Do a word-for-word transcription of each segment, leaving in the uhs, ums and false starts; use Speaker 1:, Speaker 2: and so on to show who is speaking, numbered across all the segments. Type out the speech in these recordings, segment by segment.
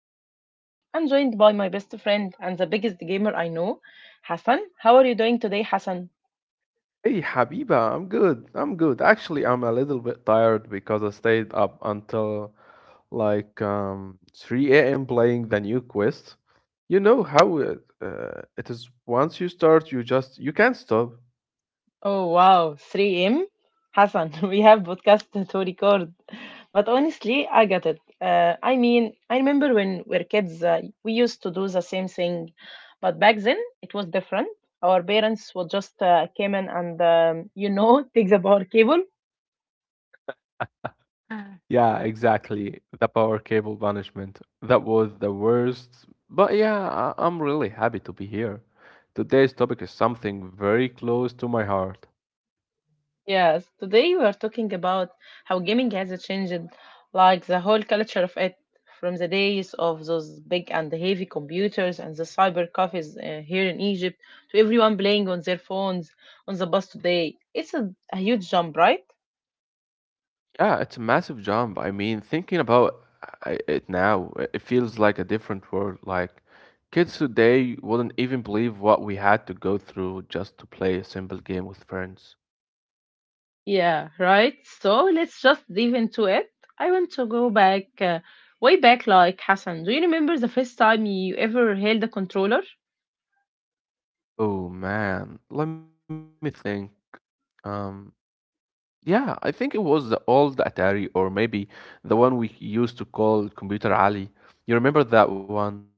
Speaker 1: and as always, I'm joined by my best friend and the biggest gamer I know, Hassan. How are you doing today, Hassan?
Speaker 2: Hey, Habiba, I'm good. I'm good. Actually, I'm a little bit tired because I stayed up until like um three a m playing the new quest. You know how it, uh, it is once you start, you just you can't stop.
Speaker 1: Oh wow, three M? Hassan, we have podcast to record. But honestly, I get it. Uh, I mean, I remember when we were kids, uh, we used to do the same thing, but back then it was different. Our parents would just uh, came in and, um, you know, take the power cable.
Speaker 2: Yeah, exactly. The power cable punishment. That was the worst. But yeah, I- I'm really happy to be here. Today's topic is something very close to my heart.
Speaker 1: Yes, today we are talking about how gaming has changed, like the whole culture of it, from the days of those big and heavy computers and the cyber cafes uh, here in Egypt to everyone playing on their phones on the bus today. It's a, a huge jump, right?
Speaker 2: Yeah, it's a massive jump. I mean, thinking about uh, i- it now, i- it feels like a different world. Like, kids today wouldn't even believe what we had to go through just to play a simple game with friends.
Speaker 1: Yeah, right. So let's just dive into it. I want to go back, uh, way back, like Hassan. Do you remember the first time you ever held a controller?
Speaker 2: Oh man, let me think. Um, yeah, I think it was the old Atari, or maybe the one we used to call Computer Alley. You remember that one?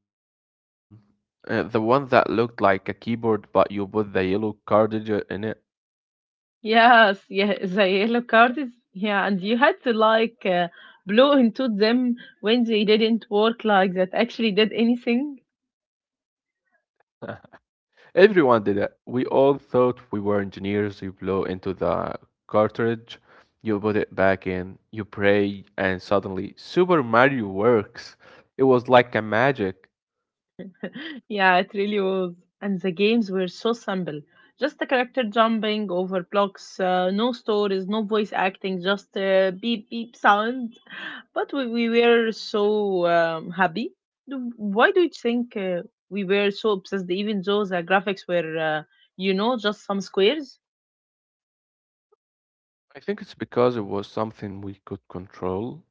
Speaker 2: Uh, the one that looked like a keyboard, but you put the yellow cartridge in it.
Speaker 1: Yes, yeah, the yellow card is yeah, and you had to like uh, blow into them when they didn't work like that actually did anything.
Speaker 2: Everyone did it. We all thought we were engineers. You blow into the cartridge, you put it back in, you pray, and suddenly Super Mario works. It was like a magic.
Speaker 1: Yeah, it really was. And the games were so simple. Just a character jumping over blocks, uh, no stories, no voice acting, just uh, beep beep sound. But we, we were so um, happy. Do- Why do you think uh, we were so obsessed, even though the graphics were, uh, you know, just some squares?
Speaker 2: I think it's because it was something we could control.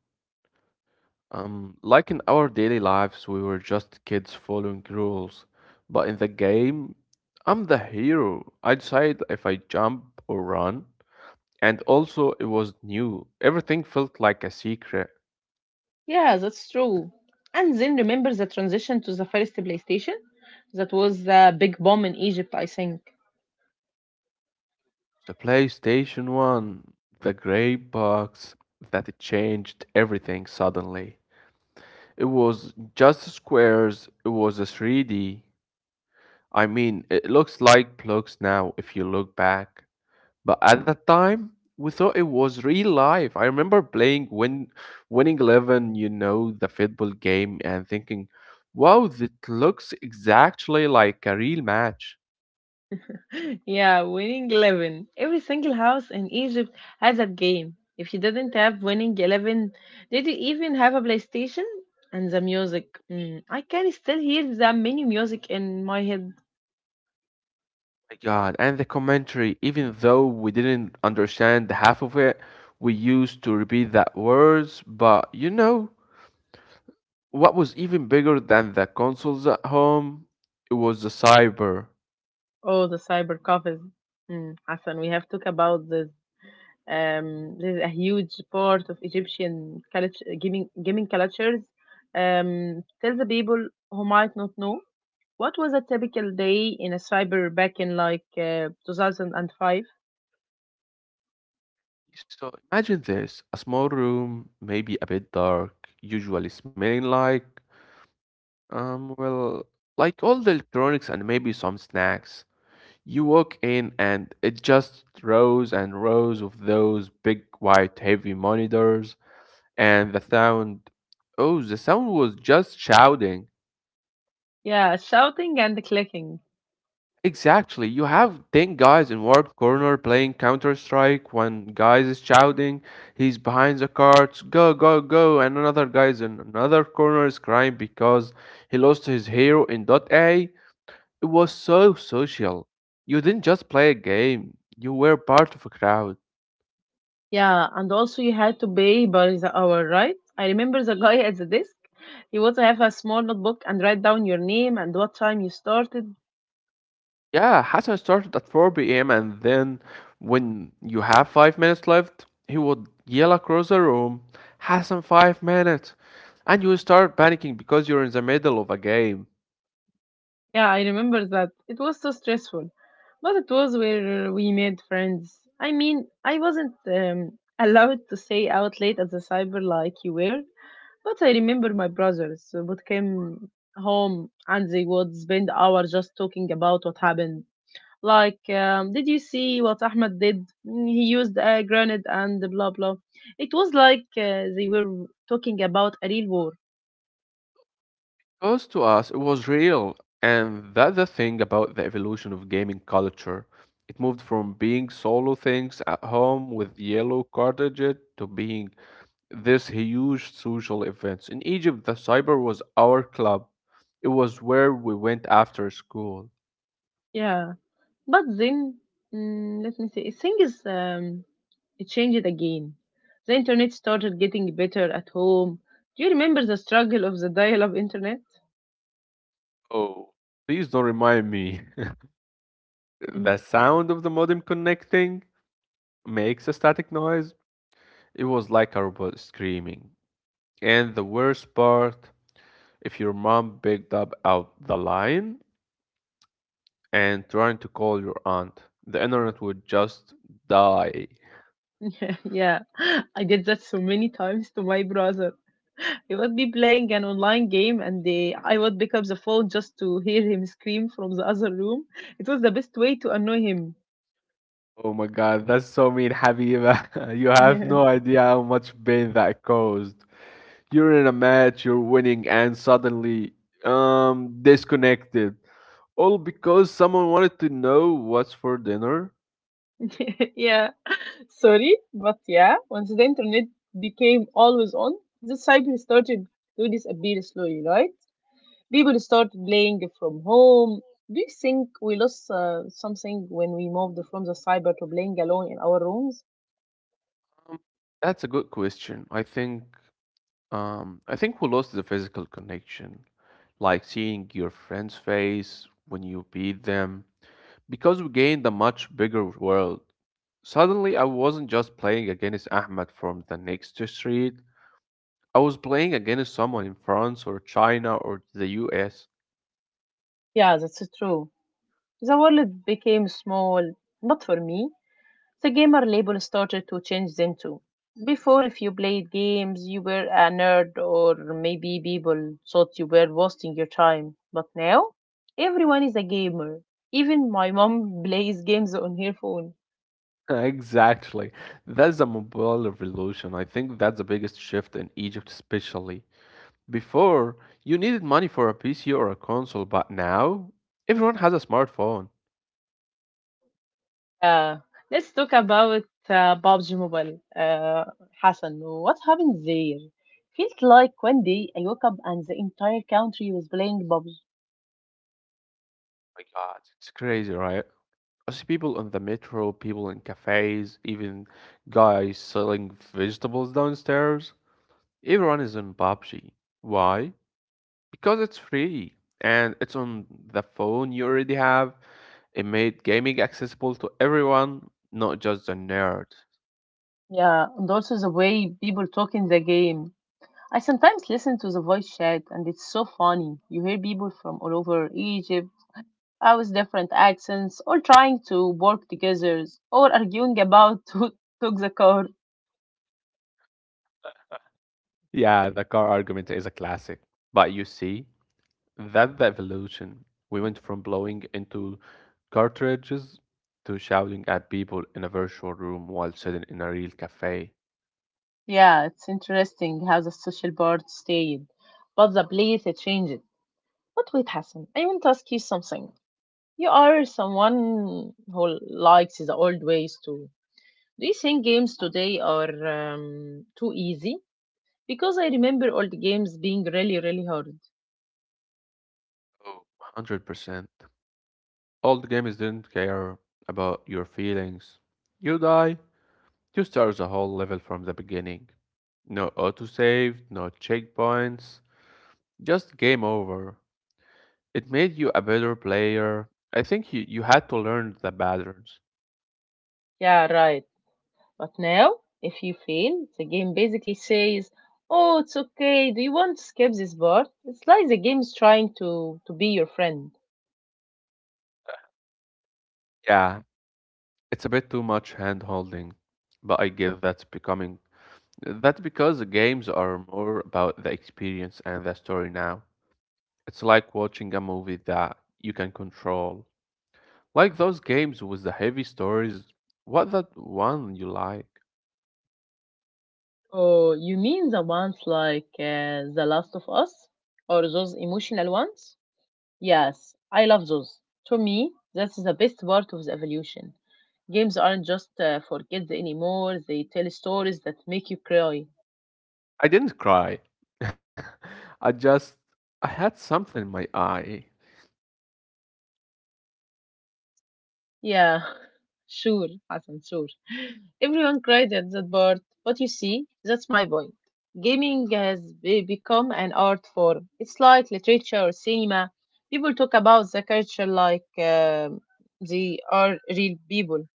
Speaker 2: Um, like in our daily lives, we were just kids following rules. But in the game, I'm the hero. I decide if I jump or run. And also, it was new. Everything felt like a secret.
Speaker 1: Yeah, that's true. And then remember the transition to the first PlayStation? That was the big bomb in Egypt, I think.
Speaker 2: The PlayStation one, the gray box that it changed everything suddenly. It was just squares, it was a three D. I mean, it looks like blocks now if you look back. But at that time, we thought it was real life. I remember playing Win Winning Eleven, you know, the football game, and thinking, wow, that looks exactly like a real match.
Speaker 1: Yeah, Winning Eleven. Every single house in Egypt had that game. If you didn't have Winning Eleven, did you even have a PlayStation? And the music. Mm, I can still hear the mini music in my head.
Speaker 2: My God. And the commentary, even though we didn't understand the half of it, we used to repeat that words. But you know, what was even bigger than the consoles at home? It was the cyber.
Speaker 1: Oh, the cyber cafes. Mm, Hassan, we have talked about this. Um, this is a huge part of Egyptian culture, gaming, gaming cultures. Um, tell the people who might not know what was a typical day in a cyber back in like uh, two thousand five.
Speaker 2: So imagine this, a small room, maybe a bit dark, usually smelling like, um, well, like all the electronics and maybe some snacks. You walk in and it just rows and rows of those big white heavy monitors, and the sound, oh the sound was just shouting.
Speaker 1: Yeah, shouting and clicking.
Speaker 2: Exactly, you have ten guys in warped corner playing counter-strike. One guy is shouting, he's behind the carts, go go go, and another guy is in another corner is crying because he lost his hero in dot a. It was so social. You didn't just play a game, you were part of a crowd.
Speaker 1: Yeah, and also you had to pay by the hour, right? I remember the guy at the desk. He would have a small notebook and write down your name and what time you started.
Speaker 2: Yeah, Hassan started at four p m and then when you have five minutes left, he would yell across the room, Hassan, five minutes! And you would start panicking because you're in the middle of a game.
Speaker 1: Yeah, I remember that. It was so stressful, but it was where we made friends. I mean, I wasn't um, allowed to stay out late at the cyber like you were, but I remember my brothers uh, would come home and they would spend hours just talking about what happened. Like, um, did you see what Ahmed did? Mm, He used a grenade and blah blah. It was like uh, they were talking about a real war.
Speaker 2: Because to us, it was real. And that's the thing about the evolution of gaming culture. It moved from being solo things at home with yellow cartridges to being this huge social events. In Egypt, the cyber was our club. It was where we went after school.
Speaker 1: Yeah. But then, mm, let me say, things um, it changed again. The internet started getting better at home. Do you remember the struggle of the dial-up internet?
Speaker 2: Oh, please don't remind me. The
Speaker 1: Mm,
Speaker 2: sound of the modem connecting makes a static noise. It was like a robot screaming. And the worst part, if your mom picked up out the line, and trying to call your aunt. The internet would just die.
Speaker 1: yeah, I did that so many times to my brother. He would be playing an online game, and they, I would pick up the phone just to hear him scream from the other room. It was the best way to annoy him.
Speaker 2: Oh my god, that's so mean, Habiba. You have no idea how much pain that caused. You're in a match, you're winning, and suddenly, um, disconnected. All because someone wanted to know what's for dinner?
Speaker 1: Yeah. Sorry, but yeah, once the internet became always on, the cyber started to disappear slowly, right? People started playing from home. Do you think we lost uh, something when we moved from the cyber to playing alone in our rooms?
Speaker 2: Um, that's a good question. I think um, I think we lost the physical connection, like seeing your friend's face when you beat them, because we gained a much bigger world. Suddenly, I wasn't just playing against Ahmed from the next street. I was playing against someone in France or China or the U S.
Speaker 1: Yeah, that's true. The world became small, not for me. The gamer label started to change then too. Before, if you played games, you were a nerd, or maybe people thought you were wasting your time. But now, everyone is a gamer. Even my mom plays games on her phone.
Speaker 2: Exactly. That's the mobile revolution. I think that's the biggest shift in Egypt, especially. Before, you needed money for a P C or a console, but now everyone has a smartphone.
Speaker 1: Uh, let's talk about uh, PUBG Mobile. Uh, Hassan, what happened there? Feels like one day I woke up and the entire country was playing PUBG.
Speaker 2: My God, it's crazy, right? I see people on the metro, people in cafes, even guys selling vegetables downstairs. Everyone is on P U B G. Why? Because it's free and it's on the phone you already have. It made gaming accessible to everyone, not just the nerds.
Speaker 1: Yeah, and also the way people talk in the game. I sometimes listen to the voice chat and it's so funny. You hear people from all over Egypt, uh, with different accents, all trying to work together, or arguing about who took the car.
Speaker 2: Yeah, the car argument is a classic. But you see, that's the evolution. We went from blowing into cartridges to shouting at people in a virtual room while sitting in a real cafe.
Speaker 1: Yeah, it's interesting how the social part stayed, but the place it changed. But wait, Hassan, I want to ask you something. You are someone who likes the old ways too. Do you think games today are um, too easy? Because I remember old games being really, really hard.
Speaker 2: Oh, one hundred percent. Old games didn't care about your feelings. You die, you start the whole level from the beginning. No autosave, no checkpoints, just game over. It made you a better player. I think you, you had to learn the patterns.
Speaker 1: Yeah, right. But now, if you fail, the game basically says, "Oh, it's okay. Do you want to skip this part?" It's like the game is trying to to be your friend.
Speaker 2: Yeah, it's a bit too much hand holding, but I guess that's becoming that's because the games are more about the experience and the story now. It's like watching a movie that you can control. Like those games with the heavy stories, what that one you like?
Speaker 1: Oh, you mean the ones like uh, The Last of Us or those emotional ones? Yes, I love those. To me, that's the best part of the evolution. Games aren't just uh, for kids anymore. They tell stories that make you cry.
Speaker 2: I didn't cry. I just I had something in my eye.
Speaker 1: Yeah, sure, Hassan, sure. Everyone cried at that part, but you see, that's my point. Gaming has be- become an art form. It's like literature or cinema. People talk about the culture like um they are real people.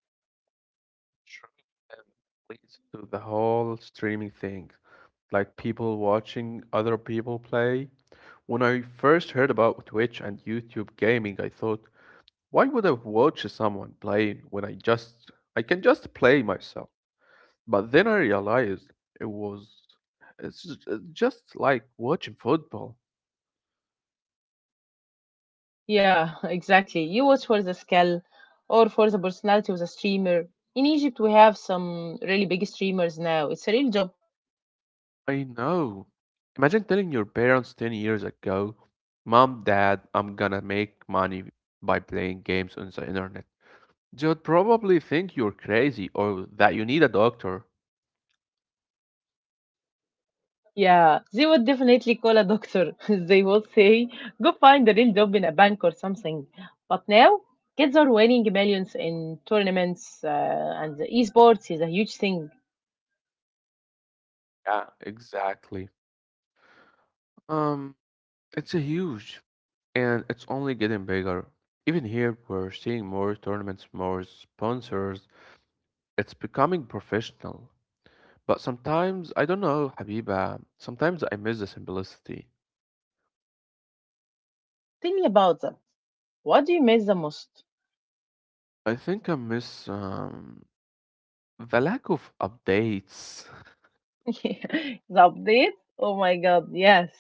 Speaker 2: Sure, and leads to the whole streaming thing, like people watching other people play. When I first heard about Twitch and YouTube gaming, I thought, why would I watch someone playing when I just I can just play myself? But then I realized it was it's just it's just like watching football.
Speaker 1: Yeah, exactly. You watch for the skill or for the personality of the streamer. In Egypt, we have some really big streamers now. It's a real job.
Speaker 2: I know. Imagine telling your parents ten years ago, Mom, Dad, I'm gonna make money by playing games on the internet. They would probably think you're crazy or that you need a doctor.
Speaker 1: Yeah, they would definitely call a doctor. They would say, go find a real job in a bank or something. But now, kids are winning millions in tournaments, uh, and the esports is a huge thing.
Speaker 2: Yeah, exactly. Um, it's a huge. And it's only getting bigger. Even here, we're seeing more tournaments, more sponsors. It's becoming professional. But sometimes, I don't know, Habiba, sometimes I miss the simplicity.
Speaker 1: Tell me about that. What do you miss the most?
Speaker 2: I think I miss um, the lack of updates,
Speaker 1: The update? Oh my god, yes.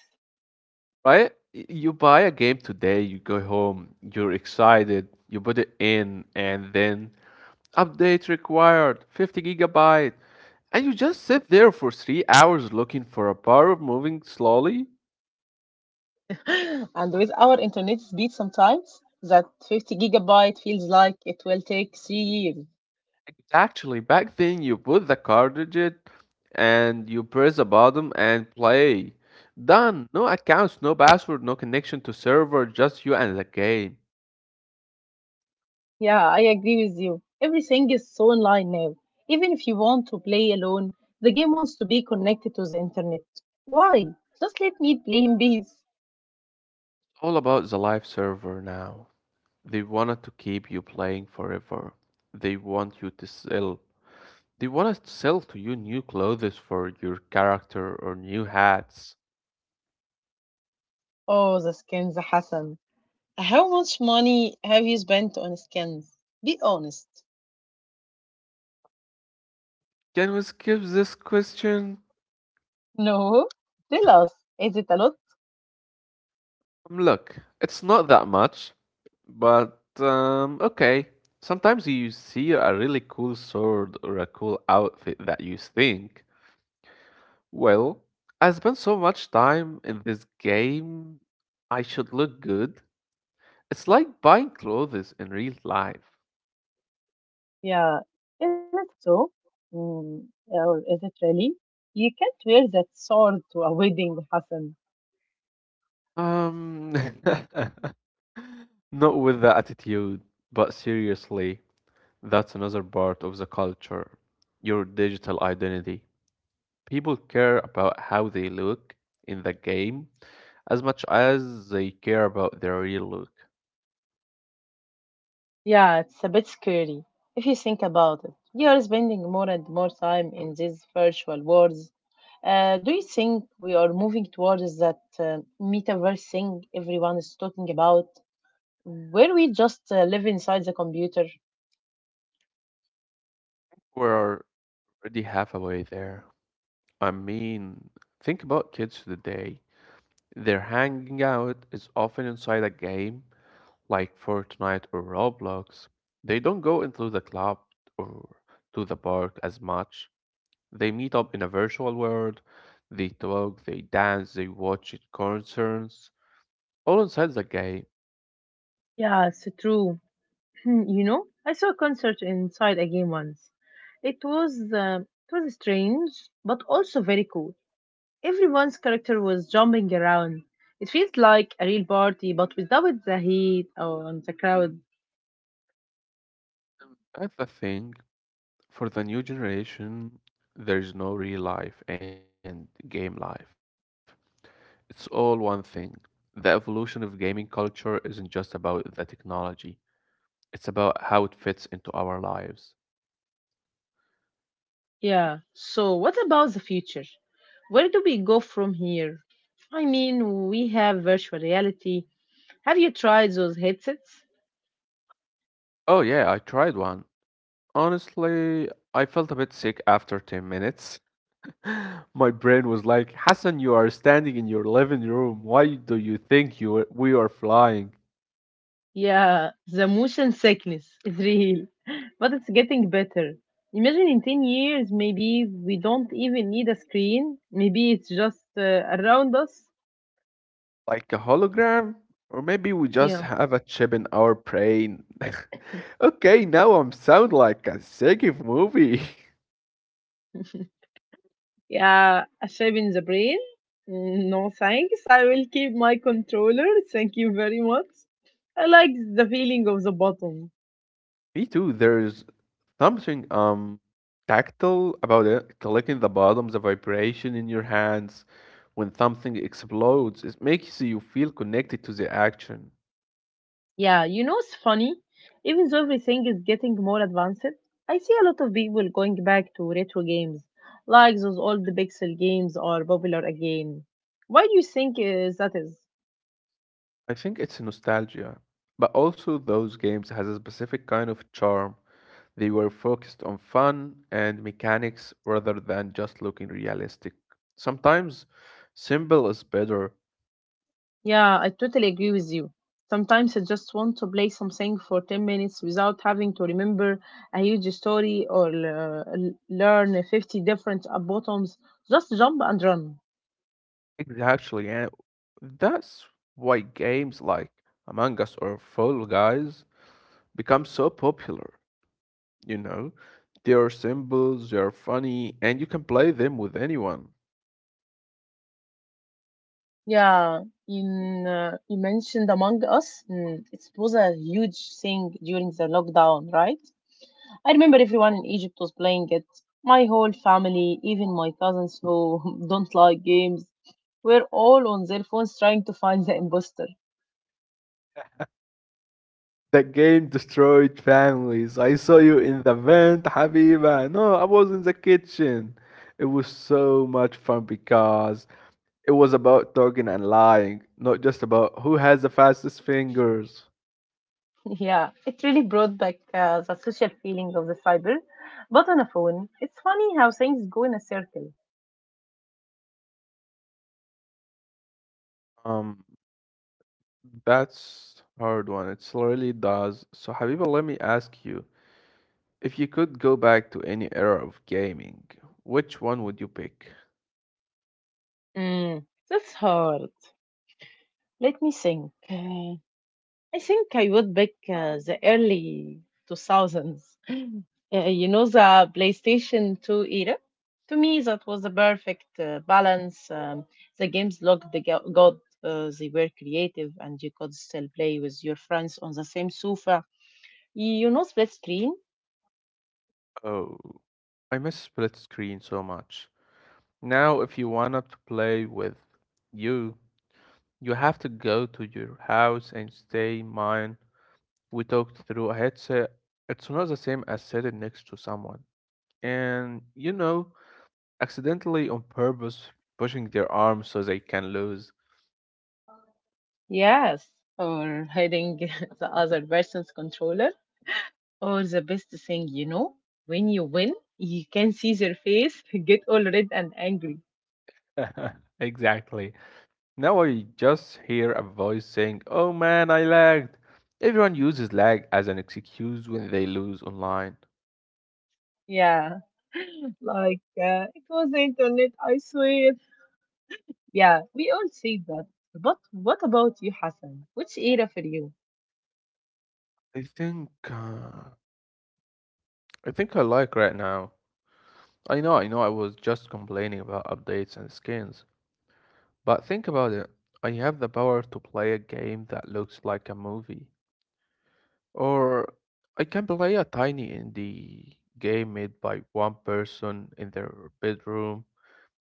Speaker 2: right? Y- You buy a game today, you go home, you're excited, you put it in, and then update required fifty gigabyte. And you just sit there for three hours looking for a bar moving slowly.
Speaker 1: And with our internet speed sometimes, that fifty gigabyte feels like it will take three years.
Speaker 2: Actually, back then you put the cartridge and you press the button and play. Done. No accounts, no password, no connection to server, just you and the game.
Speaker 1: Yeah, I agree with you. Everything is so online now. Even if you want to play alone, the game wants to be connected to the internet. Why? Just let me play in peace.
Speaker 2: All about the live server now. They wanted to keep you playing forever. They want you to sell. They want us to sell to you new clothes for your character or new hats.
Speaker 1: Oh, the skins, Hassan. How much money have you spent on skins? Be honest.
Speaker 2: Can we skip this question?
Speaker 1: No? Tell us. Is it a lot?
Speaker 2: Um, Look, it's not that much, but um, okay. Sometimes you see a really cool sword or a cool outfit that you think, well, I spent so much time in this game, I should look good. It's like buying clothes in real life.
Speaker 1: Yeah. Is it so? Mm, or is it really? You can't wear that sword to a wedding, Hassan.
Speaker 2: Um, Not with the attitude, but seriously, that's another part of the culture, your digital identity. People care about how they look in the game as much as they care about their real look.
Speaker 1: Yeah, it's a bit scary if you think about it. We are spending more and more time in these virtual worlds. Uh, do you think we are moving towards that uh, metaverse thing everyone is talking about, where we just uh, live inside the computer?
Speaker 2: We're already halfway there. I mean, think about kids today. Their hanging out is often inside a game like Fortnite or Roblox. They don't go into the club or to the park as much. They meet up in a virtual world. They talk, they dance, they watch concerts, all inside the game.
Speaker 1: Yeah, it's true. Hmm, you know, I saw a concert inside a game once. It was uh, it was strange, but also very cool. Everyone's character was jumping around. It feels like a real party, but without the heat and the crowd.
Speaker 2: That's the thing. For the new generation, there is no real life and game life. It's all one thing. The evolution of gaming culture isn't just about the technology, it's about how it fits into our lives.
Speaker 1: Yeah. So, what about the future? Where do we go from here? I mean, we have virtual reality. Have you tried those headsets?
Speaker 2: Oh, yeah, I tried one. Honestly, I felt a bit sick after ten minutes. My brain was like, Hassan, you are standing in your living room. Why do you think you we are flying?
Speaker 1: Yeah, the motion sickness is real, but it's getting better. Imagine in ten years, maybe we don't even need a screen. Maybe it's just uh, around us.
Speaker 2: Like a hologram? Or maybe we just
Speaker 1: Yeah.
Speaker 2: have a chip in our brain. Okay, now I'm sound like a second movie.
Speaker 1: Yeah, a chip in the brain? Mm, No thanks. I will keep my controller. Thank you very much. I like the feeling of the button.
Speaker 2: Me too. There's something um tactile about it. Collecting the bottoms of vibration in your hands when something explodes. It makes you feel connected to the action.
Speaker 1: Yeah, you know, it's funny. Even though everything is getting more advanced, I see a lot of people going back to retro games, like those old pixel games are popular again. Why do you think uh, that is?
Speaker 2: I think it's nostalgia. But also those games has a specific kind of charm. They were focused on fun and mechanics rather than just looking realistic. Sometimes simple is better.
Speaker 1: Yeah, I totally agree with you. Sometimes I just want to play something for ten minutes without having to remember a huge story or uh, l- learn fifty different uh, buttons. Just jump and run.
Speaker 2: Exactly, and that's why games like Among Us or Fall Guys become so popular. You know, they are simple, they are funny, and you can play them with anyone.
Speaker 1: Yeah, in uh, you mentioned Among Us. Mm, it was a huge thing during the lockdown, right? I remember everyone in Egypt was playing it. My whole family, even my cousins who don't like games, were all on their phones trying to find the imposter.
Speaker 2: That game destroyed families. I saw you in the vent, Habiba. No, I was in the kitchen. It was so much fun because it was about talking and lying, not just about who has the fastest fingers.
Speaker 1: Yeah, it really brought back uh, the social feeling of the cyber. But on a phone, it's funny how things go in a circle.
Speaker 2: Um, that's hard one. It really does. So, Habiba, let me ask you, if you could go back to any era of gaming, which one would you pick?
Speaker 1: Mm, that's hard. Let me think. Uh, I think I would back uh, the early two thousands. Uh, you know, the PlayStation two era? To me, that was the perfect uh, balance. Um, the games looked the go- good, uh, they were creative, and you could still play with your friends on the same sofa. You know, split screen.
Speaker 2: Oh, I miss split screen so much. Now, if you want to play with you, you have to go to your house and stay in mine. We talked through a headset. It's not the same as sitting next to someone, and you know, accidentally on purpose pushing their arms so they can lose.
Speaker 1: Yes, or hiding the other person's controller, or the best thing you know, when you win, you can see their face get all red and angry.
Speaker 2: Exactly. Now I just hear a voice saying, "Oh man, I lagged." Everyone uses lag as an excuse when they lose online.
Speaker 1: Yeah, like uh, it was the internet, I swear. Yeah, we all say that. But what about you, Hassan? Which era for you?
Speaker 2: I think uh, I think I like right now. I know, I know I was just complaining about updates and skins, but think about it. I have the power to play a game that looks like a movie. Or I can play a tiny indie game made by one person in their bedroom.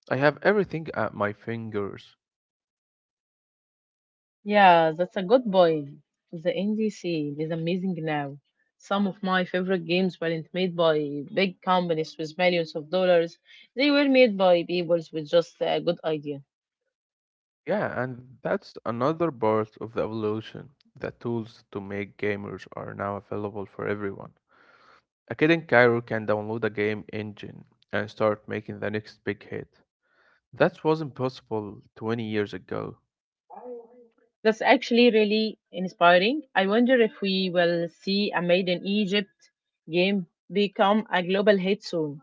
Speaker 2: I have everything at my fingers.
Speaker 1: Yeah, that's a good point. The indie scene is amazing now. Some of my favorite games weren't made by big companies with millions of dollars. They were made by people with just a good idea.
Speaker 2: Yeah, and that's another part of the evolution. The tools to make gamers are now available for everyone. A kid in Cairo can download a game engine and start making the next big hit. That wasn't possible twenty years ago.
Speaker 1: That's actually really inspiring. I wonder if we will see a Made in Egypt game become a global hit soon.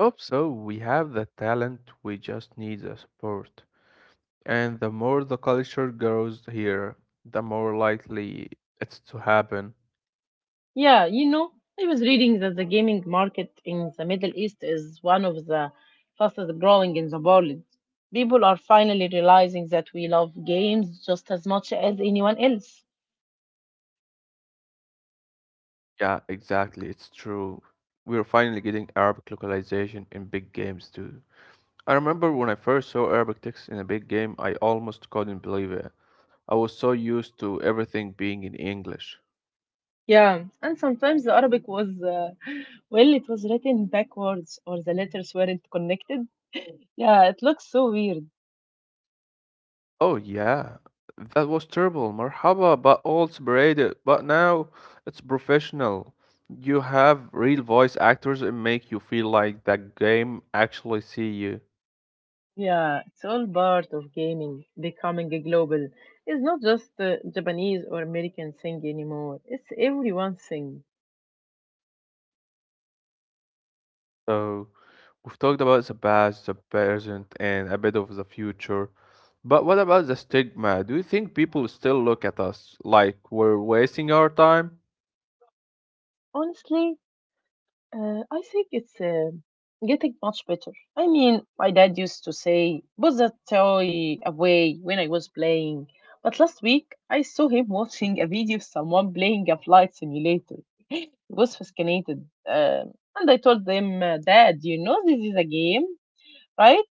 Speaker 2: I hope so. We have the talent, we just need the support. And the more the culture grows here, the more likely it's to happen.
Speaker 1: Yeah, you know, I was reading that the gaming market in the Middle East is one of the fastest growing in the world. People are finally realizing that we love games just as much as anyone else.
Speaker 2: Yeah, exactly. It's true. We're finally getting Arabic localization in big games too. I remember when I first saw Arabic text in a big game, I almost couldn't believe it. I was so used to everything being in English.
Speaker 1: Yeah, and sometimes the Arabic was, uh, well, it was written backwards or the letters weren't connected. Yeah, it looks so weird.
Speaker 2: Oh yeah, that was terrible. Marhaba, but all separated. But now it's professional. You have real voice actors and make you feel like that game actually see you.
Speaker 1: Yeah, it's all part of gaming becoming a global. It's not just a Japanese or American thing anymore, it's everyone's thing.
Speaker 2: So we've talked about the past, the present, and a bit of the future. But what about the stigma? Do you think people still look at us like we're wasting our time?
Speaker 1: Honestly, Uh, I think it's uh, getting much better. I mean, my dad used to say, put that toy away when I was playing. But last week, I saw him watching a video of someone playing a flight simulator. He was fascinated. Um and I told him, uh, Dad, you know this is a game, right?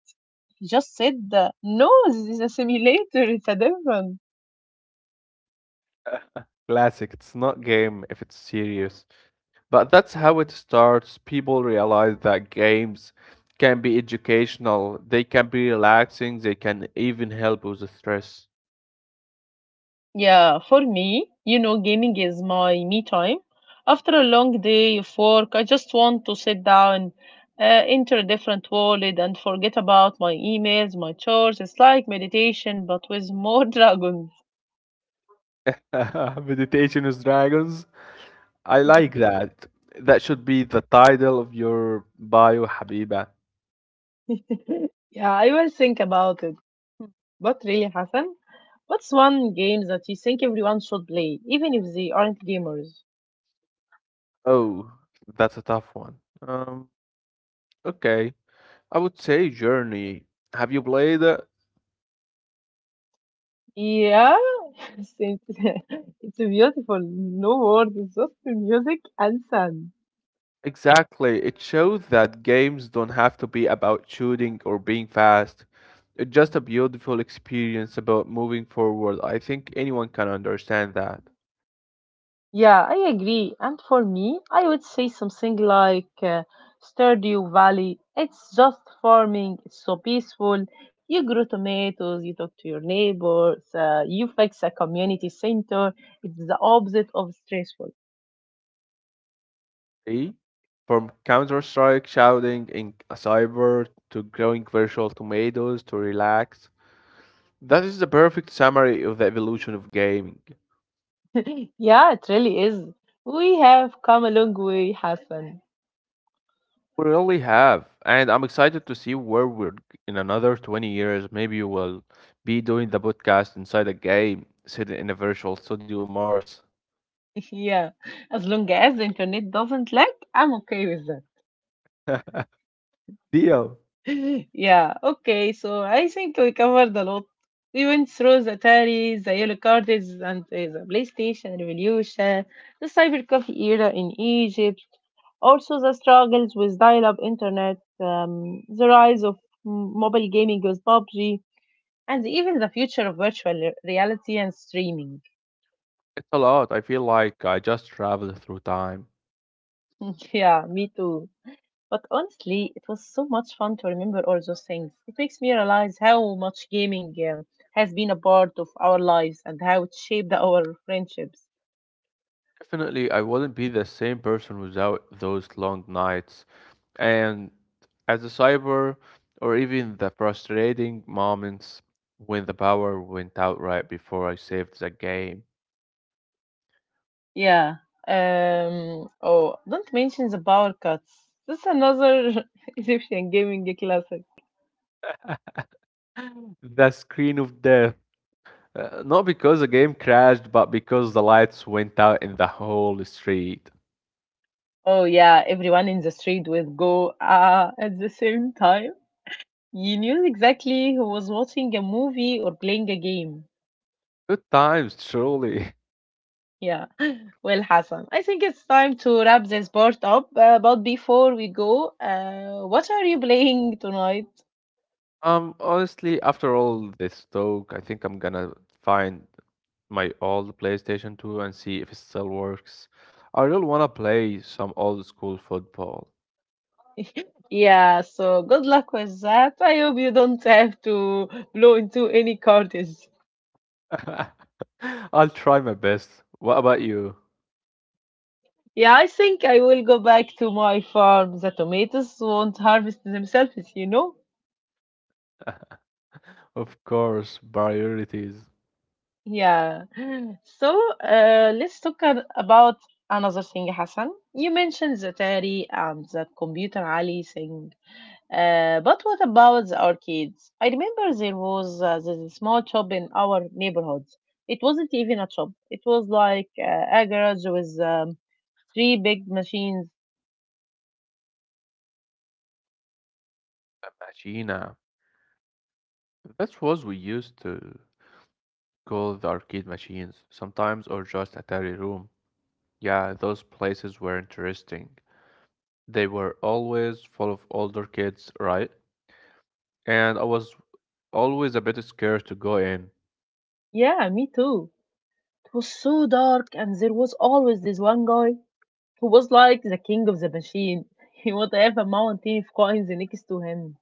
Speaker 1: He just said, uh, no, this is a simulator. It's a different.
Speaker 2: Classic. It's not game if it's serious. But that's how it starts. People realize that games can be educational, they can be relaxing, they can even help with the stress.
Speaker 1: Yeah, for me, you know, gaming is my me time. After a long day of work, I just want to sit down, uh, enter a different world, and forget about my emails, my chores. It's like meditation, but with more dragons.
Speaker 2: Meditation with dragons. I like that. That should be the title of your bio, Habiba.
Speaker 1: Yeah, I will think about it. What really, happened? What's one game that you think everyone should play, even if they aren't gamers?
Speaker 2: Oh, that's a tough one. Um, okay. I would say Journey. Have you played it?
Speaker 1: Yeah, it's it's a beautiful, no words, it's just music and sun.
Speaker 2: Exactly. It shows that games don't have to be about shooting or being fast. It's just a beautiful experience about moving forward. I think anyone can understand that.
Speaker 1: Yeah, I agree. And for me, I would say something like uh, Stardew Valley. It's just farming. It's so peaceful. You grow tomatoes. You talk to your neighbors. Uh, you fix a community center. It's the opposite of stressful.
Speaker 2: See? From Counter Strike shouting in a cyber to growing virtual tomatoes to relax. That is the perfect summary of the evolution of gaming.
Speaker 1: Yeah, it really is. We have come a long way, Hassan.
Speaker 2: We really have, and I'm excited to see where we're g- in another twenty years. Maybe we'll be doing the podcast inside a game, sitting in a virtual studio on Mars.
Speaker 1: Yeah, as long as the internet doesn't lag, I'm okay with that.
Speaker 2: Deal.
Speaker 1: Yeah, okay. So I think we covered a lot. We went through the Atari, the yellow cards, and uh, the PlayStation revolution, the cyber coffee era in Egypt, also the struggles with dial-up internet, um, the rise of m- mobile gaming with PUBG, and even the future of virtual re- reality and streaming.
Speaker 2: It's a lot. I feel like I just traveled through time.
Speaker 1: Yeah, me too. But honestly, it was so much fun to remember all those things. It makes me realize how much gaming um, has been a part of our lives and how it shaped our friendships.
Speaker 2: Definitely, I wouldn't be the same person without those long nights. And as a cyber, or even the frustrating moments when the power went out right before I saved the game,
Speaker 1: Yeah. Um, oh, don't mention the power cuts. That's another Egyptian gaming classic.
Speaker 2: the screen of death. Uh, not because the game crashed, but because the lights went out in the whole street.
Speaker 1: Oh yeah, everyone in the street would go ah at the same time. You knew exactly who was watching a movie or playing a game.
Speaker 2: Good times, truly.
Speaker 1: Yeah, well, Hassan, I think it's time to wrap this part up. Uh, but before we go, uh, what are you playing tonight?
Speaker 2: Um, honestly, after all this talk, I think I'm gonna find my old PlayStation two and see if it still works. I really wanna play some old school football.
Speaker 1: Yeah, so good luck with that. I hope you don't have to blow into any cartridges.
Speaker 2: I'll try my best. What about you?
Speaker 1: Yeah, I think I will go back to my farm. The tomatoes won't harvest themselves, you know?
Speaker 2: Of course, priorities.
Speaker 1: Yeah. So, uh, let's talk an- about another thing, Hassan. You mentioned the Atari and the computer alley thing. Uh, but what about the arcades? I remember there was uh, this small shop in our neighborhood. It wasn't even a shop. It was like uh, a garage with um, three big machines.
Speaker 2: Imagina. That's what we used to call the arcade machines, sometimes, or just Atari Room. Yeah, those places were interesting. They were always full of older kids, right? And I was always a bit scared to go in.
Speaker 1: Yeah, me too. It was so dark, and there was always this one guy who was like the king of the machine. He would have a mountain of coins next to him.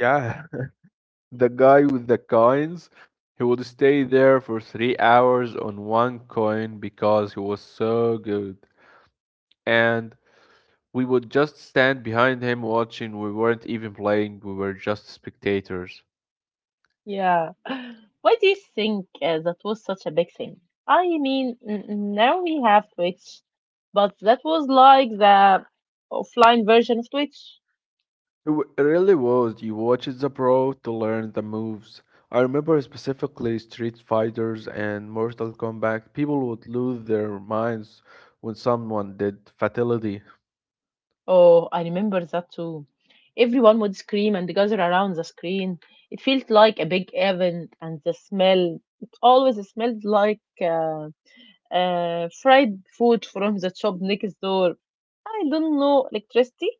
Speaker 2: Yeah, the guy with the coins, he would stay there for three hours on one coin because he was so good. And we would just stand behind him watching. We weren't even playing, we were just spectators.
Speaker 1: Yeah. Why do you think uh, that was such a big thing? I mean, n- n- now we have Twitch, but that was like the offline version of Twitch.
Speaker 2: It w- it really was. You watched the pro to learn the moves. I remember specifically Street Fighters and Mortal Kombat. People would lose their minds when someone did fatality.
Speaker 1: Oh, I remember that too. Everyone would scream and gather around the screen. It felt like a big event, and the smell, it always smelled like uh, uh, fried food from the shop next door. I don't know, electricity?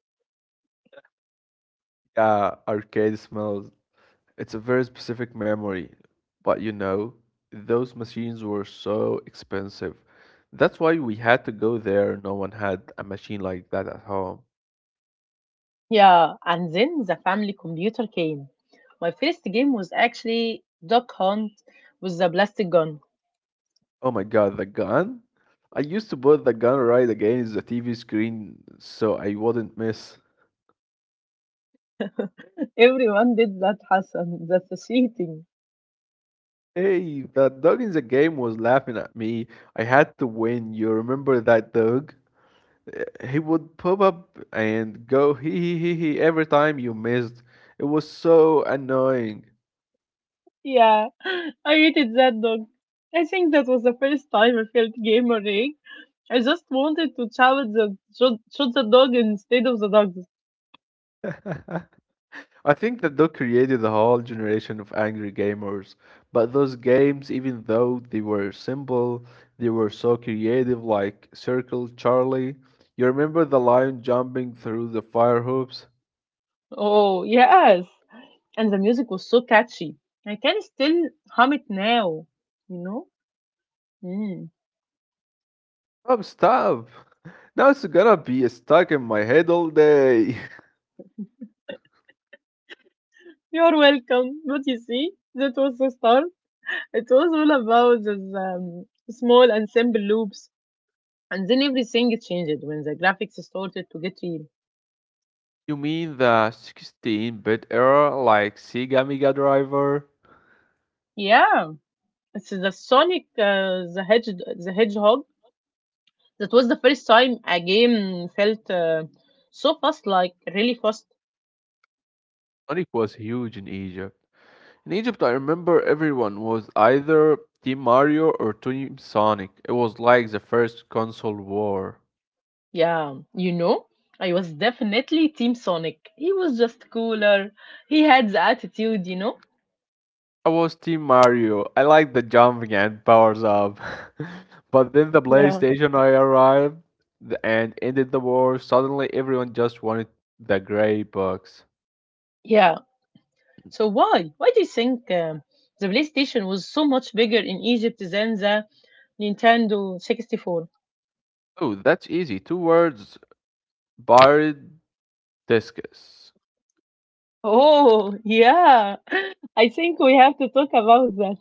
Speaker 2: Yeah, arcade smells. It's a very specific memory. But you know, those machines were so expensive. That's why we had to go there. No one had a machine like that at home.
Speaker 1: Yeah, and then the family computer came. My first game was actually Duck Hunt with the plastic gun.
Speaker 2: Oh my god, the gun? I used to put the gun right against the T V screen so I wouldn't miss.
Speaker 1: Everyone did that, Hassan. That's cheating.
Speaker 2: Hey, that dog in the game was laughing at me. I had to win. You remember that dog? Uh, He would pop up and go hee hee hee hee every time you missed. It was so annoying.
Speaker 1: Yeah, I hated that dog. I think that was the first time I felt gamer rig. I just wanted to challenge the shoot, shoot the dog instead of the dog.
Speaker 2: I think that Doc created a whole generation of angry gamers, but those games, even though they were simple, they were so creative, like Circle Charlie. You remember the lion jumping through the fire hoops?
Speaker 1: Oh yes, and the music was so catchy. I can still hum it now. You know. Mm.
Speaker 2: Oh, stop! Now it's gonna be stuck in my head all day.
Speaker 1: You're welcome. But you see, that was the start. It was all about the um, small and simple loops. And then everything changed when the graphics started to get real.
Speaker 2: You mean the sixteen bit era, like Sega Mega Driver?
Speaker 1: Yeah, it's the Sonic uh, the, Hedge- the Hedgehog. That was the first time a game felt uh, so fast, like really fast.
Speaker 2: Sonic was huge in Egypt. In Egypt, I remember everyone was either Team Mario or Team Sonic. It was like the first console war.
Speaker 1: Yeah, you know, I was definitely Team Sonic. He was just cooler. He had the attitude, you know?
Speaker 2: I was Team Mario. I liked the jumping and powers up. But then the
Speaker 1: Yeah.
Speaker 2: PlayStation I arrived th- and ended the war. Suddenly, everyone just wanted the gray box.
Speaker 1: Yeah. So why? Why do you think um, the PlayStation was so much bigger in Egypt than the Nintendo sixty-four?
Speaker 2: Oh, that's easy. Two words: buried discus.
Speaker 1: Oh, yeah. I think we have to talk about that.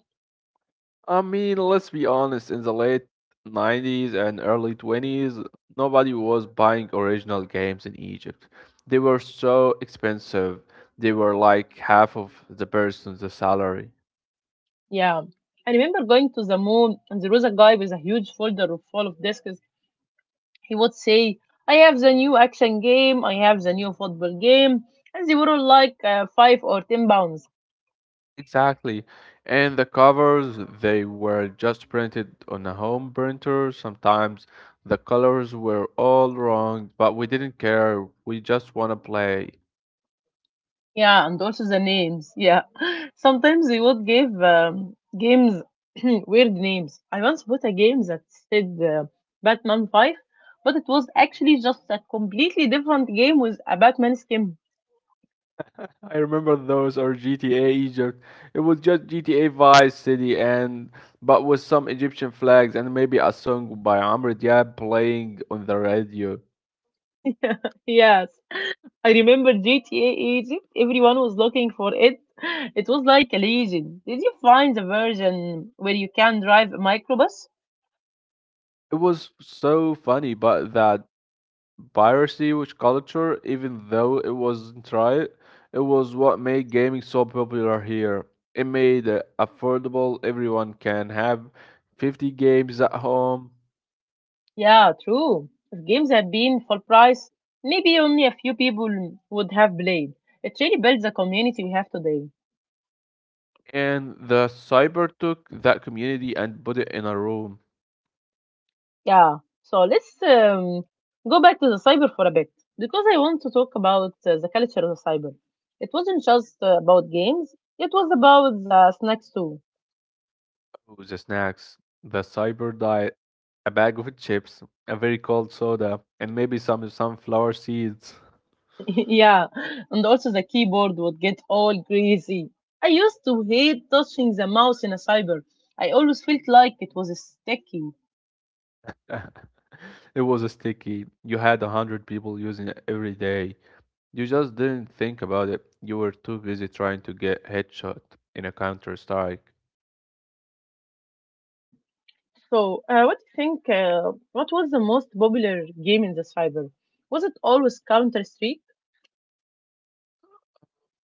Speaker 2: I mean, let's be honest, in the late nineties and early twenties, nobody was buying original games in Egypt. They were so expensive. They were like half of the person's salary.
Speaker 1: Yeah. I remember going to the mall and there was a guy with a huge folder of full of discs. He would say, I have the new action game, I have the new football game, and they were all like uh, five or ten pounds.
Speaker 2: Exactly. And the covers, they were just printed on a home printer. Sometimes the colors were all wrong, but we didn't care. We just want to play.
Speaker 1: Yeah, and also the names. Yeah. Sometimes they would give um, games weird names. I once bought a game that said uh, Batman five, but it was actually just a completely different game with a Batman skin.
Speaker 2: I remember those or G T A Egypt. It was just G T A Vice City and but with some Egyptian flags and maybe a song by Amr Diab playing on the radio.
Speaker 1: Yes. I remember G T A Egypt. Everyone was looking for it. It was like a legend. Did you find the version where you can drive a microbus?
Speaker 2: It was so funny, but that piracy which culture, even though it wasn't right, it was what made gaming so popular here. It made it affordable, everyone can have fifty games at home.
Speaker 1: Yeah, true. If games had been full price, maybe only a few people would have played. It really builds the community we have today.
Speaker 2: And the cyber took that community and put it in a room.
Speaker 1: Yeah. So let's um, go back to the cyber for a bit because I want to talk about uh, the culture of the cyber. It wasn't just uh, about games; it was about the snacks too.
Speaker 2: Ooh, the snacks, the cyber diet, a bag of chips, a very cold soda, and maybe some sunflower seeds.
Speaker 1: Yeah, and also the keyboard would get all greasy. I used to hate touching the mouse in a cyber. I always felt like it was sticky.
Speaker 2: It was a sticky. You had a hundred people using it every day. You just didn't think about it. You were too busy trying to get headshot in a Counter Strike.
Speaker 1: So, uh, what do you think? Uh, what was the most popular game in the cyber? Was it always Counter Strike?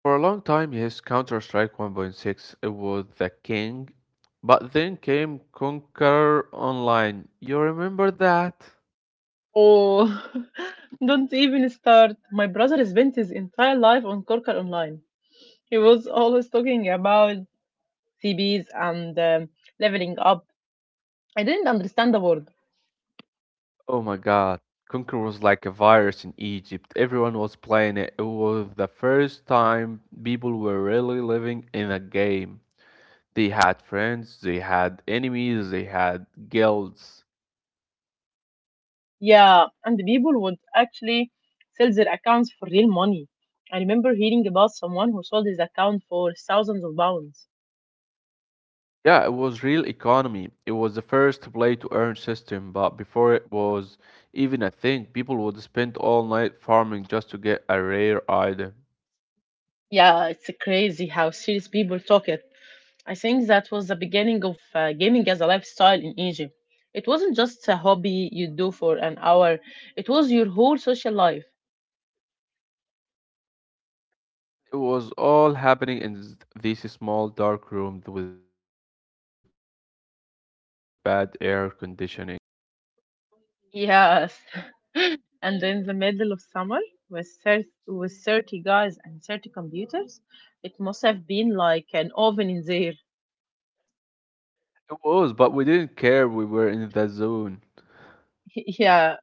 Speaker 2: For a long time, yes, Counter Strike one point six, it was the king. But then came Conquer Online. You remember that?
Speaker 1: Oh, don't even start. My brother spent his entire life on Corker Online. He was always talking about C Bs and um, leveling up. I didn't understand the word.
Speaker 2: Oh my god. Conquer was like a virus in Egypt. Everyone was playing it. It was the first time people were really living in a game. They had friends, they had enemies, they had guilds.
Speaker 1: Yeah, and the people would actually sell their accounts for real money. I remember hearing about someone who sold his account for thousands of pounds.
Speaker 2: Yeah, it was real economy. It was the first play to earn system, but before it was even a thing, people would spend all night farming just to get a rare item.
Speaker 1: Yeah, it's crazy how serious people talk. I think that was the beginning of uh, gaming as a lifestyle in Egypt. It wasn't just a hobby you do for an hour, it was your whole social life.
Speaker 2: It was all happening in this small dark room with bad air conditioning.
Speaker 1: Yes. And in the middle of summer, with thirty, with thirty guys and thirty computers, it must have been like an oven in there.
Speaker 2: It was, but we didn't care. We were in the zone.
Speaker 1: Yeah.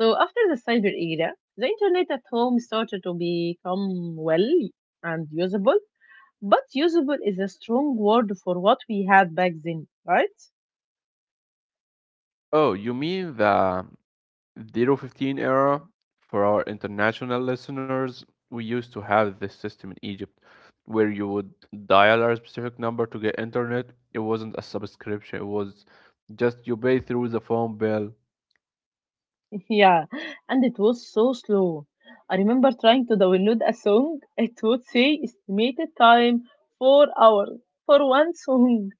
Speaker 1: So after the cyber era, the internet at home started to become well and usable. But usable is a strong word for what we had back then, right?
Speaker 2: Oh, you mean the zero fifteen era? For our international listeners, we used to have this system in Egypt where you would dial a specific number to get internet. It wasn't a subscription, it was just you pay through the phone bill.
Speaker 1: Yeah, and it was so slow. I remember trying to download a song, it would say estimated time four hours for one song.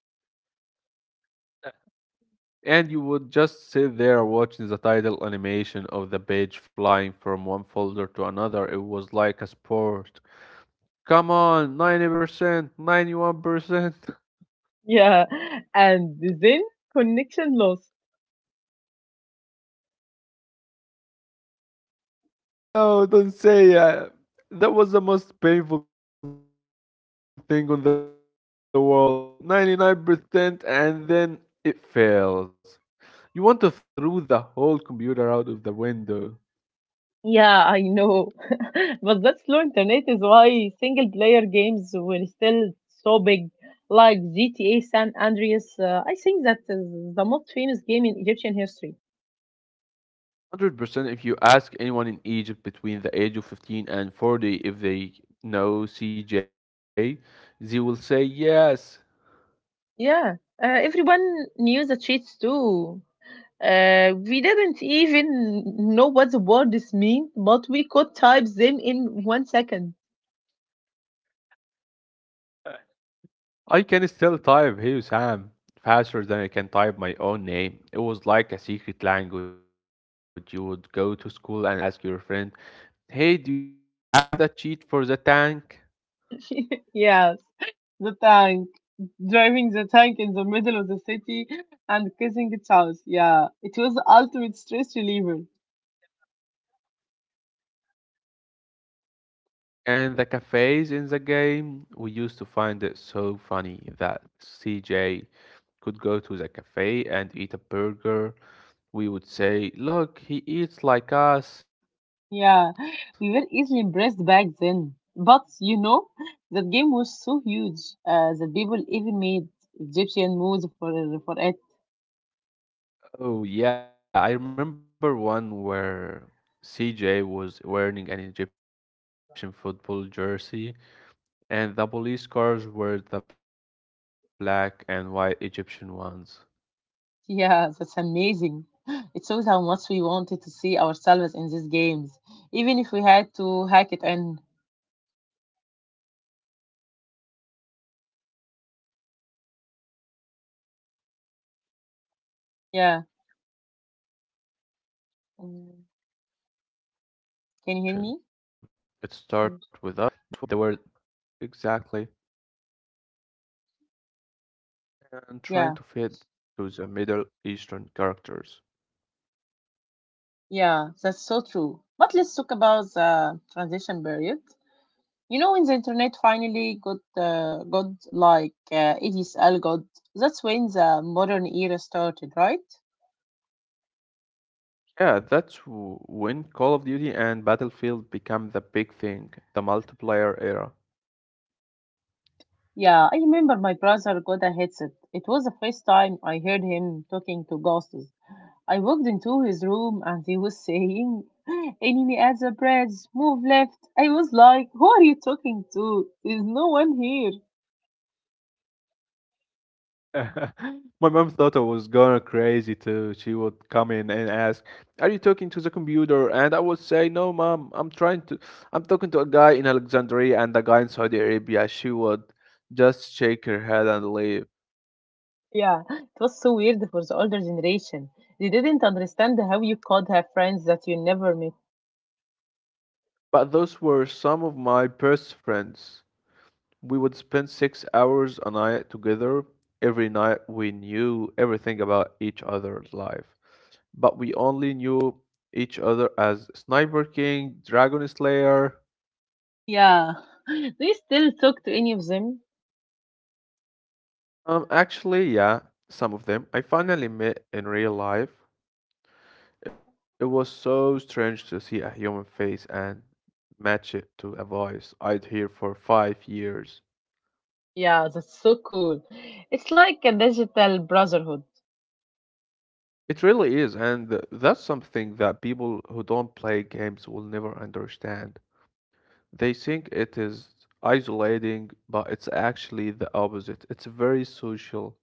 Speaker 2: And you would just sit there watching the title animation of the page flying from one folder to another. It was like a sport. Come on, ninety percent, ninety-one percent.
Speaker 1: Yeah, and then connection loss.
Speaker 2: Oh my god, no, don't say uh, that was the most painful thing on the world. ninety-nine percent and then it fails. You want to throw the whole computer out of the window.
Speaker 1: Yeah, I know. But that slow internet is why single player games were still so big, like G T A San Andreas. Uh, I think that is the most famous game in Egyptian history.
Speaker 2: one hundred percent if you ask anyone in Egypt between the age of fifteen and forty if they know C J, they will say yes.
Speaker 1: Yeah, uh, everyone knew the cheats too. Uh, we didn't even know what the words mean, but we could type them in one second.
Speaker 2: I can still type Hey Sam faster than I can type my own name. It was like a secret language. You would go to school and ask your friend, Hey, do you have the cheat for the tank
Speaker 1: Yes, the tank. Driving the tank in the middle of the city and kissing its house. Yeah, it was the ultimate stress reliever.
Speaker 2: and the cafes in the game? We used to find it so funny that C J could go to the cafe and eat a burger. We would say, Look, he eats like us.
Speaker 1: Yeah, we were easily impressed back then. But you know, that game was so huge uh, that people even made Egyptian moods for, for it.
Speaker 2: Oh, yeah, I remember one where C J was wearing an Egyptian football jersey and the police cars were the black and white Egyptian ones.
Speaker 1: Yeah, that's amazing. It shows how much we wanted to see ourselves in these games, even if we had to hack it. And.
Speaker 2: And that's what's so cool about gaming culture evolution. It
Speaker 1: Yeah.
Speaker 2: started with us trying to f- fit into their
Speaker 1: Mm.
Speaker 2: world, and now the
Speaker 1: Can you
Speaker 2: world
Speaker 1: hear
Speaker 2: is
Speaker 1: me?
Speaker 2: trying to fit into our
Speaker 1: Good.
Speaker 2: life. We say, yeah, exactly,
Speaker 1: Yeah,
Speaker 2: and trying to fit to the Middle Eastern characters.
Speaker 1: yeah, that's so true. But let's talk about the transition period. You know, when the internet finally got uh, got like uh, A D S L got, that's when the modern era started, right?
Speaker 2: Yeah, that's w- when Call of Duty and Battlefield become the big thing, the multiplayer era.
Speaker 1: Yeah, I remember my brother got a headset. It was the first time I heard him talking to ghosts. I walked into his room and he was saying, enemy at the bridge, move left. I was like, who are you talking to? There's no one here.
Speaker 2: My mom thought I was going crazy too. She would come in and ask, "Are you talking to the computer?" And I would say, "No, mom. I'm trying to. I'm talking to a guy in Alexandria and a guy in Saudi Arabia." She would just shake her head and leave.
Speaker 1: Yeah, it was so weird for the older generation. They didn't understand how you could have friends that you never met.
Speaker 2: But those were some of my best friends. We would spend six hours a night together. Every night we knew everything about each other's life, but we only knew each other as Sniper King, Dragon Slayer.
Speaker 1: Yeah, do you still talk to any of them?
Speaker 2: Um, actually, yeah, some of them I finally met in real life. It was so strange to see a human face and match it to a voice I'd hear for five years.
Speaker 1: Yeah, that's so cool. It's like a digital brotherhood.
Speaker 2: It really is, and th- that's something that people who don't play games will never understand. They think it is isolating, but it's actually the opposite. It's very social.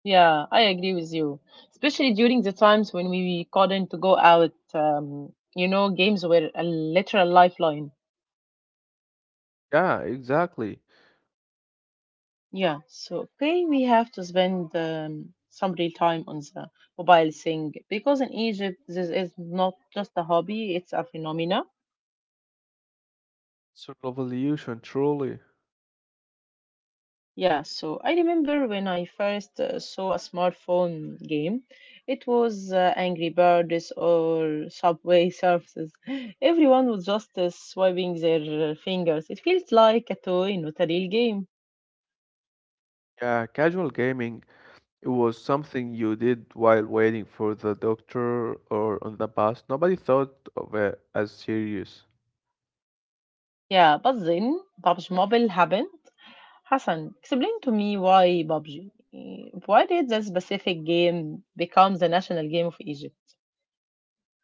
Speaker 1: Yeah, I agree with you. Especially during the times when we couldn't go out, um, you know, games were a literal lifeline.
Speaker 2: Yeah, exactly.
Speaker 1: Yeah, so okay, we have to spend um, some real time on the mobile thing because in Egypt, this is not just a hobby, it's a phenomena.
Speaker 2: It's a revolution, truly.
Speaker 1: Yeah, so I remember when I first uh, saw a smartphone game, it was uh, Angry Birds or Subway Surfers. Everyone was just uh, swiping their uh, fingers. It feels like a toy, not a real game.
Speaker 2: Yeah, casual gaming, it was something you did while waiting for the doctor or on the bus. Nobody thought of it as serious.
Speaker 1: Yeah, but then P U B G Mobile happened. Hassan, explain to me why P U B G? Uh, Why did that specific game become the national game of Egypt?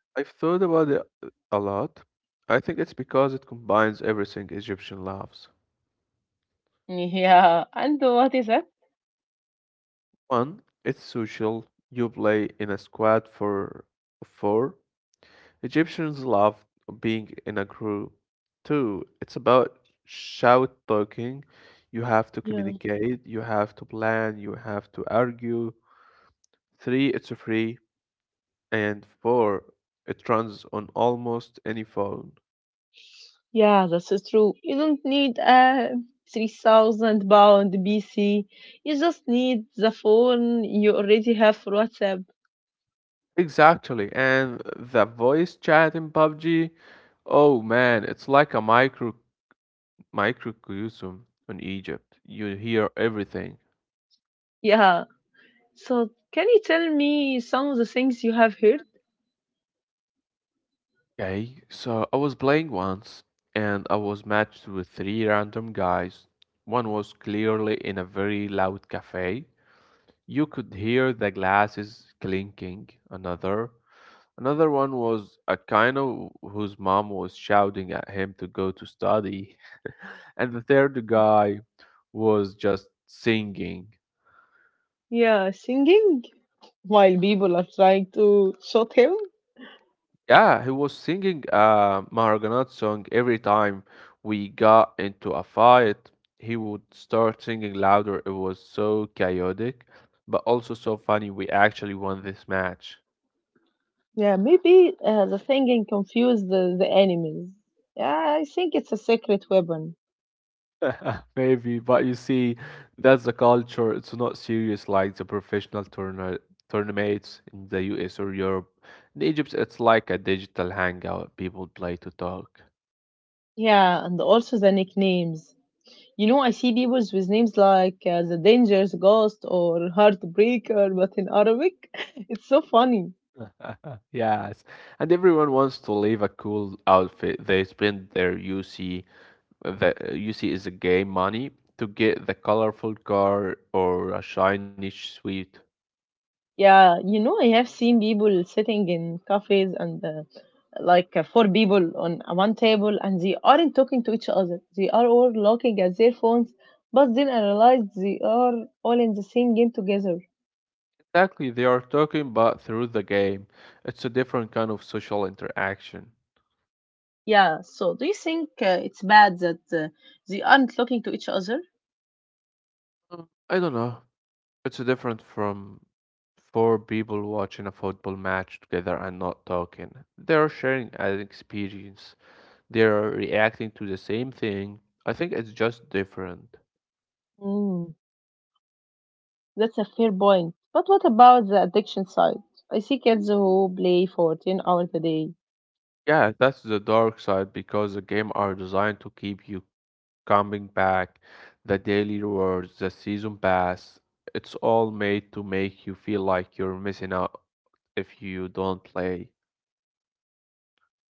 Speaker 2: I've thought about it a lot. I think it's because it combines everything Egyptian loves.
Speaker 1: Yeah, and what is it?
Speaker 2: One, it's social. You play in a squad for four. Egyptians love being in a group too. It's about shout talking. You have to communicate, you have to plan, you have to argue. Three, it's free. And four, it runs on almost any phone.
Speaker 1: Yeah, that's is true. You don't need a three thousand pound P C. You just need the phone you already have for WhatsApp.
Speaker 2: Exactly. And the voice chat in P U B G, oh man, it's like a micro microcosm in Egypt. You hear everything.
Speaker 1: Yeah. So, can you tell me some of the things you have heard?
Speaker 2: Okay, so I was playing once and I was matched with three random guys. One was clearly in a very loud cafe. You could hear the glasses clinking. Another, another one was a kind of whose mom was shouting at him to go to study. And the third guy was just singing.
Speaker 1: Yeah, singing while people are trying to shoot him.
Speaker 2: Yeah, he was singing a Mahaganat song every time we got into a fight. He would start singing louder. It was so chaotic, but also so funny. We actually won this match.
Speaker 1: Yeah, maybe uh, the singing confused the, the enemies. Yeah, I think it's a secret weapon.
Speaker 2: Maybe, but you see, that's the culture. It's not serious like the professional tourna tournaments in the U S or Europe. In Egypt, it's like a digital hangout. People play to talk.
Speaker 1: Yeah, and also the nicknames. You know, I see people with names like uh, The Dangerous Ghost or Heartbreaker, but in Arabic. It's so funny.
Speaker 2: Yes, and everyone wants to leave a cool outfit. They spend their U C, the U C is a game money, to get the colorful car or a shiny suite.
Speaker 1: Yeah, you know, I have seen people sitting in cafes and uh, like uh, four people on one table and they aren't talking to each other. They are all looking at their phones, but then I realized they are all in the same game together.
Speaker 2: Exactly, they are talking about through the game. It's a different kind of social interaction.
Speaker 1: Yeah, so do you think uh, it's bad that uh, they aren't looking to each other?
Speaker 2: Um, I don't know. It's different from four people watching a football match together and not talking. They're sharing an experience. They're reacting to the same thing. I think it's just different.
Speaker 1: Mm. That's a fair point. But what about the addiction side? I see kids who play fourteen hours a day.
Speaker 2: Yeah, that's the dark side because the game are designed to keep you coming back. The daily rewards, the season pass, it's all made to make you feel like you're missing out if you don't play.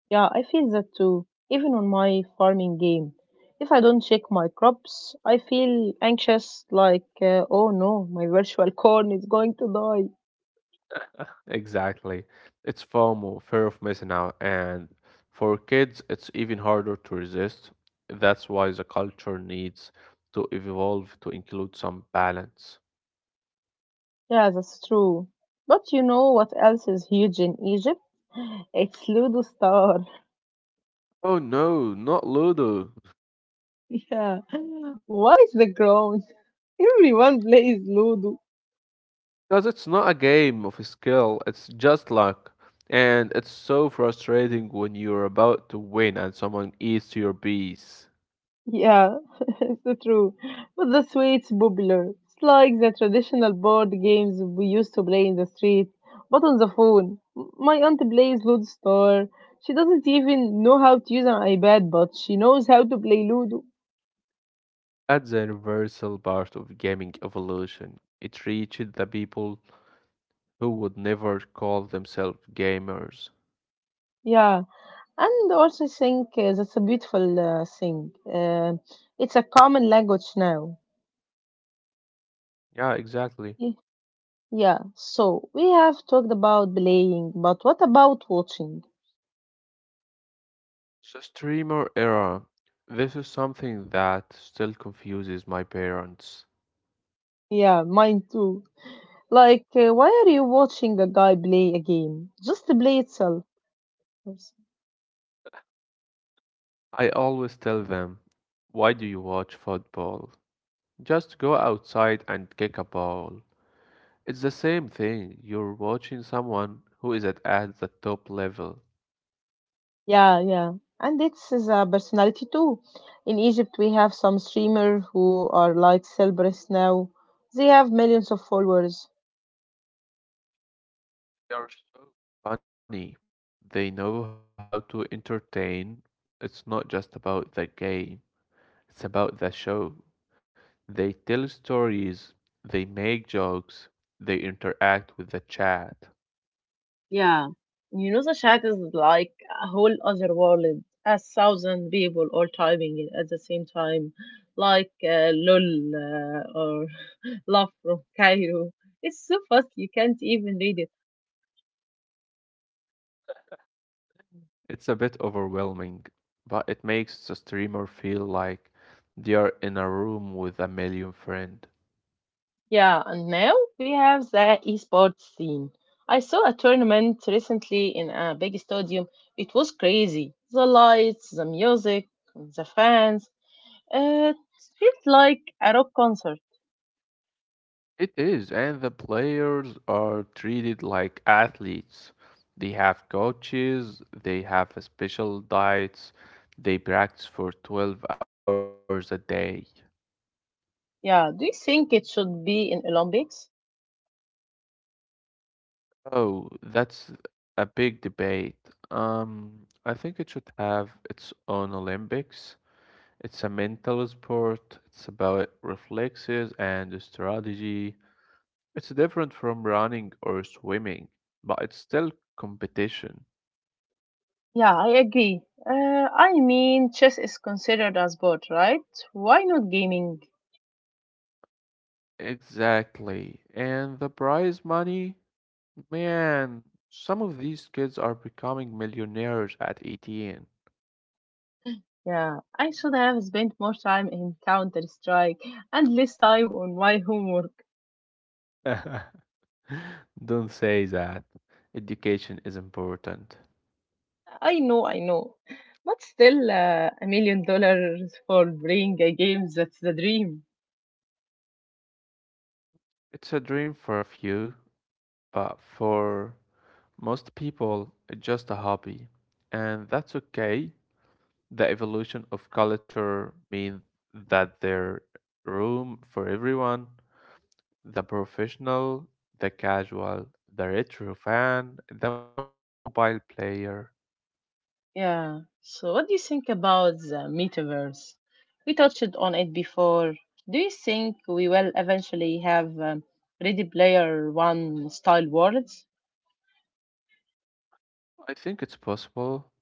Speaker 1: Yeah, I feel that too. Even on my farming game. If I don't check my crops, I feel anxious like, uh, oh no, my virtual corn is going to die.
Speaker 2: Exactly. It's FOMO, fear of missing out, and for kids, it's even harder to resist. That's why the culture needs to evolve to include some balance.
Speaker 1: Yeah, that's true. But you know what else is huge in Egypt? It's Ludo Star.
Speaker 2: Oh no, not Ludo.
Speaker 1: Yeah. Why is the ground? Everyone plays Ludo.
Speaker 2: Because it's not a game of skill, it's just luck. And it's so frustrating when you're about to win and someone eats your piece.
Speaker 1: Yeah, it's so true. But the sweets popular, it's like the traditional board games we used to play in the street, but on the phone. M- My aunt plays Ludo Star. She doesn't even know how to use an iPad, but she knows how to play Ludo.
Speaker 2: That's the universal part of gaming evolution. It reached the people who would never call themselves gamers.
Speaker 1: Yeah, and also I think uh, that's a beautiful uh, thing. Uh, it's a common language now.
Speaker 2: Yeah, exactly.
Speaker 1: Y- Yeah, so we have talked about playing, but what about watching?
Speaker 2: So, streamer era. This is something that still confuses my parents.
Speaker 1: Yeah, mine too. Like, uh, why are you watching a guy play a game? Just to play itself. Yes.
Speaker 2: I always tell them, why do you watch football? Just go outside and kick a ball. It's the same thing. You're watching someone who is at, at the top level.
Speaker 1: Yeah, yeah. And it's is a personality too. In Egypt, we have some streamers who are like celebrities now. They have millions of followers.
Speaker 2: They are so funny. They know how to entertain. It's not just about the game, it's about the show. They tell stories, they make jokes, they interact with the chat.
Speaker 1: Yeah, you know the chat is like a whole other world. A thousand people all typing it at the same time, like uh, lol uh, or love from Cairo. It's so fast you can't even read it.
Speaker 2: It's a bit overwhelming, but it makes the streamer feel like they are in a room with a million friends.
Speaker 1: Yeah, and now we have the esports scene. I saw a tournament recently in a big stadium. It was crazy. The lights, the music, the fans. It felt like a rock concert.
Speaker 2: It is, and the players are treated like athletes. They have coaches, they have special diets, they practice for twelve hours a day.
Speaker 1: Yeah, do you think it should be in Olympics?
Speaker 2: Oh, that's a big debate. Um, I think it should have its own Olympics. It's a mental sport, it's about reflexes and strategy. It's different from running or swimming, but it's still competition.
Speaker 1: Yeah, I agree. Uh, I mean, chess is considered a sport, right? Why not gaming?
Speaker 2: Exactly. And the prize money, man, some of these kids are becoming millionaires at eighteen.
Speaker 1: Yeah, I should have spent more time in Counter Strike and less time on my homework.
Speaker 2: Don't say that. Education is important.
Speaker 1: I know, I know. But still, uh, a million dollars for playing a game, that's the dream.
Speaker 2: It's a dream for a few, but for most people, it's just a hobby. And that's okay. The evolution of culture means that there's room for everyone. The professional, the casual, the retro fan, the mobile player.
Speaker 1: Yeah. So, what do you think about the metaverse? We touched on it before. Do you think we will eventually have um, Ready Player One style worlds?
Speaker 2: I think it's possible,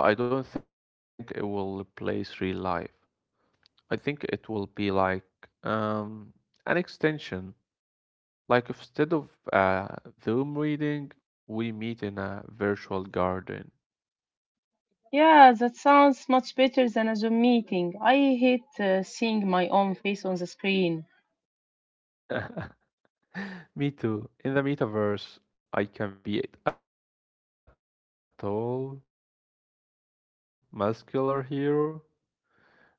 Speaker 2: but I don't think it will replace real life. I think it will be like um, an extension. Like instead of uh, Zoom reading, we meet in a virtual garden.
Speaker 1: Yeah, that sounds much better than a Zoom meeting. I hate uh, seeing my own face on the screen.
Speaker 2: Me too. In the metaverse, I can be a tall, muscular hero instead of, uh, well, me.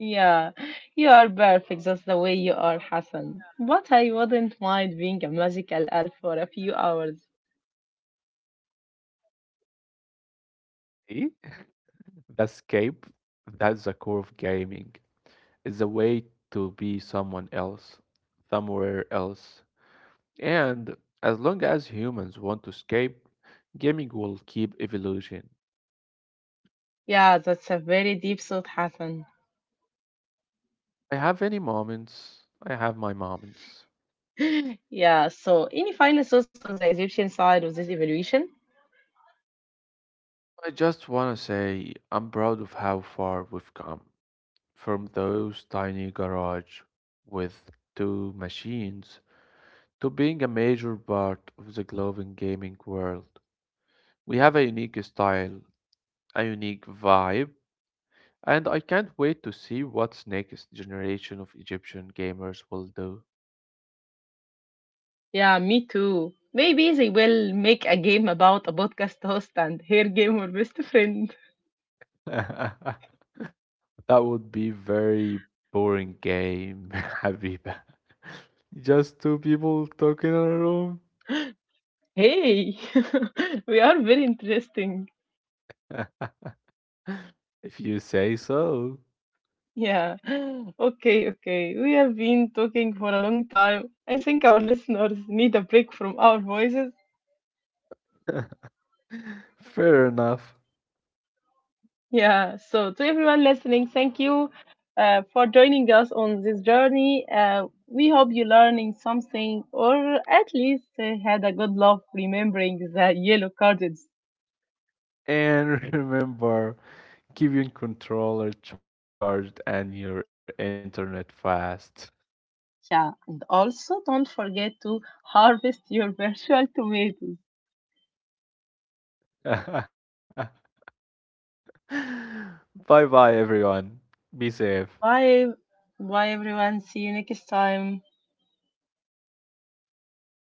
Speaker 1: Yeah, you are perfect just the way you are, Hassan. But I wouldn't mind being a magical elf for a few hours.
Speaker 2: See, that's escape, that's the core of gaming. It's a way to be someone else, somewhere else. And as long as humans want to escape, gaming will keep evolution.
Speaker 1: Yeah, that's a very deep thought, Hassan.
Speaker 2: I have any moments, I have my moments.
Speaker 1: Yeah, so any final thoughts on the Egyptian side of this evolution?
Speaker 2: I just want to say I'm proud of how far we've come. From those tiny garage with two machines to being a major part of the global gaming world. We have a unique style, a unique vibe, and I can't wait to see what next generation of Egyptian gamers will do.
Speaker 1: Yeah, me too. Maybe they will make a game about a podcast host and her game or best friend.
Speaker 2: that would be very boring game, Habiba. Just two people talking in a room.
Speaker 1: Hey, we are very interesting.
Speaker 2: if you say so.
Speaker 1: Yeah. Okay, okay. We have been talking for a long time. I think our listeners need a break from our voices.
Speaker 2: Fair enough.
Speaker 1: Yeah. So, to everyone listening, thank you uh, for joining us on this journey. Uh, we hope you're learning something or at least uh, had a good laugh remembering the yellow cards.
Speaker 2: And remember, keep your controller charged and your internet fast.
Speaker 1: Yeah. And also, don't forget to harvest your virtual tomatoes.
Speaker 2: bye bye, everyone. Be safe.
Speaker 1: Bye. Bye, everyone. See you next time.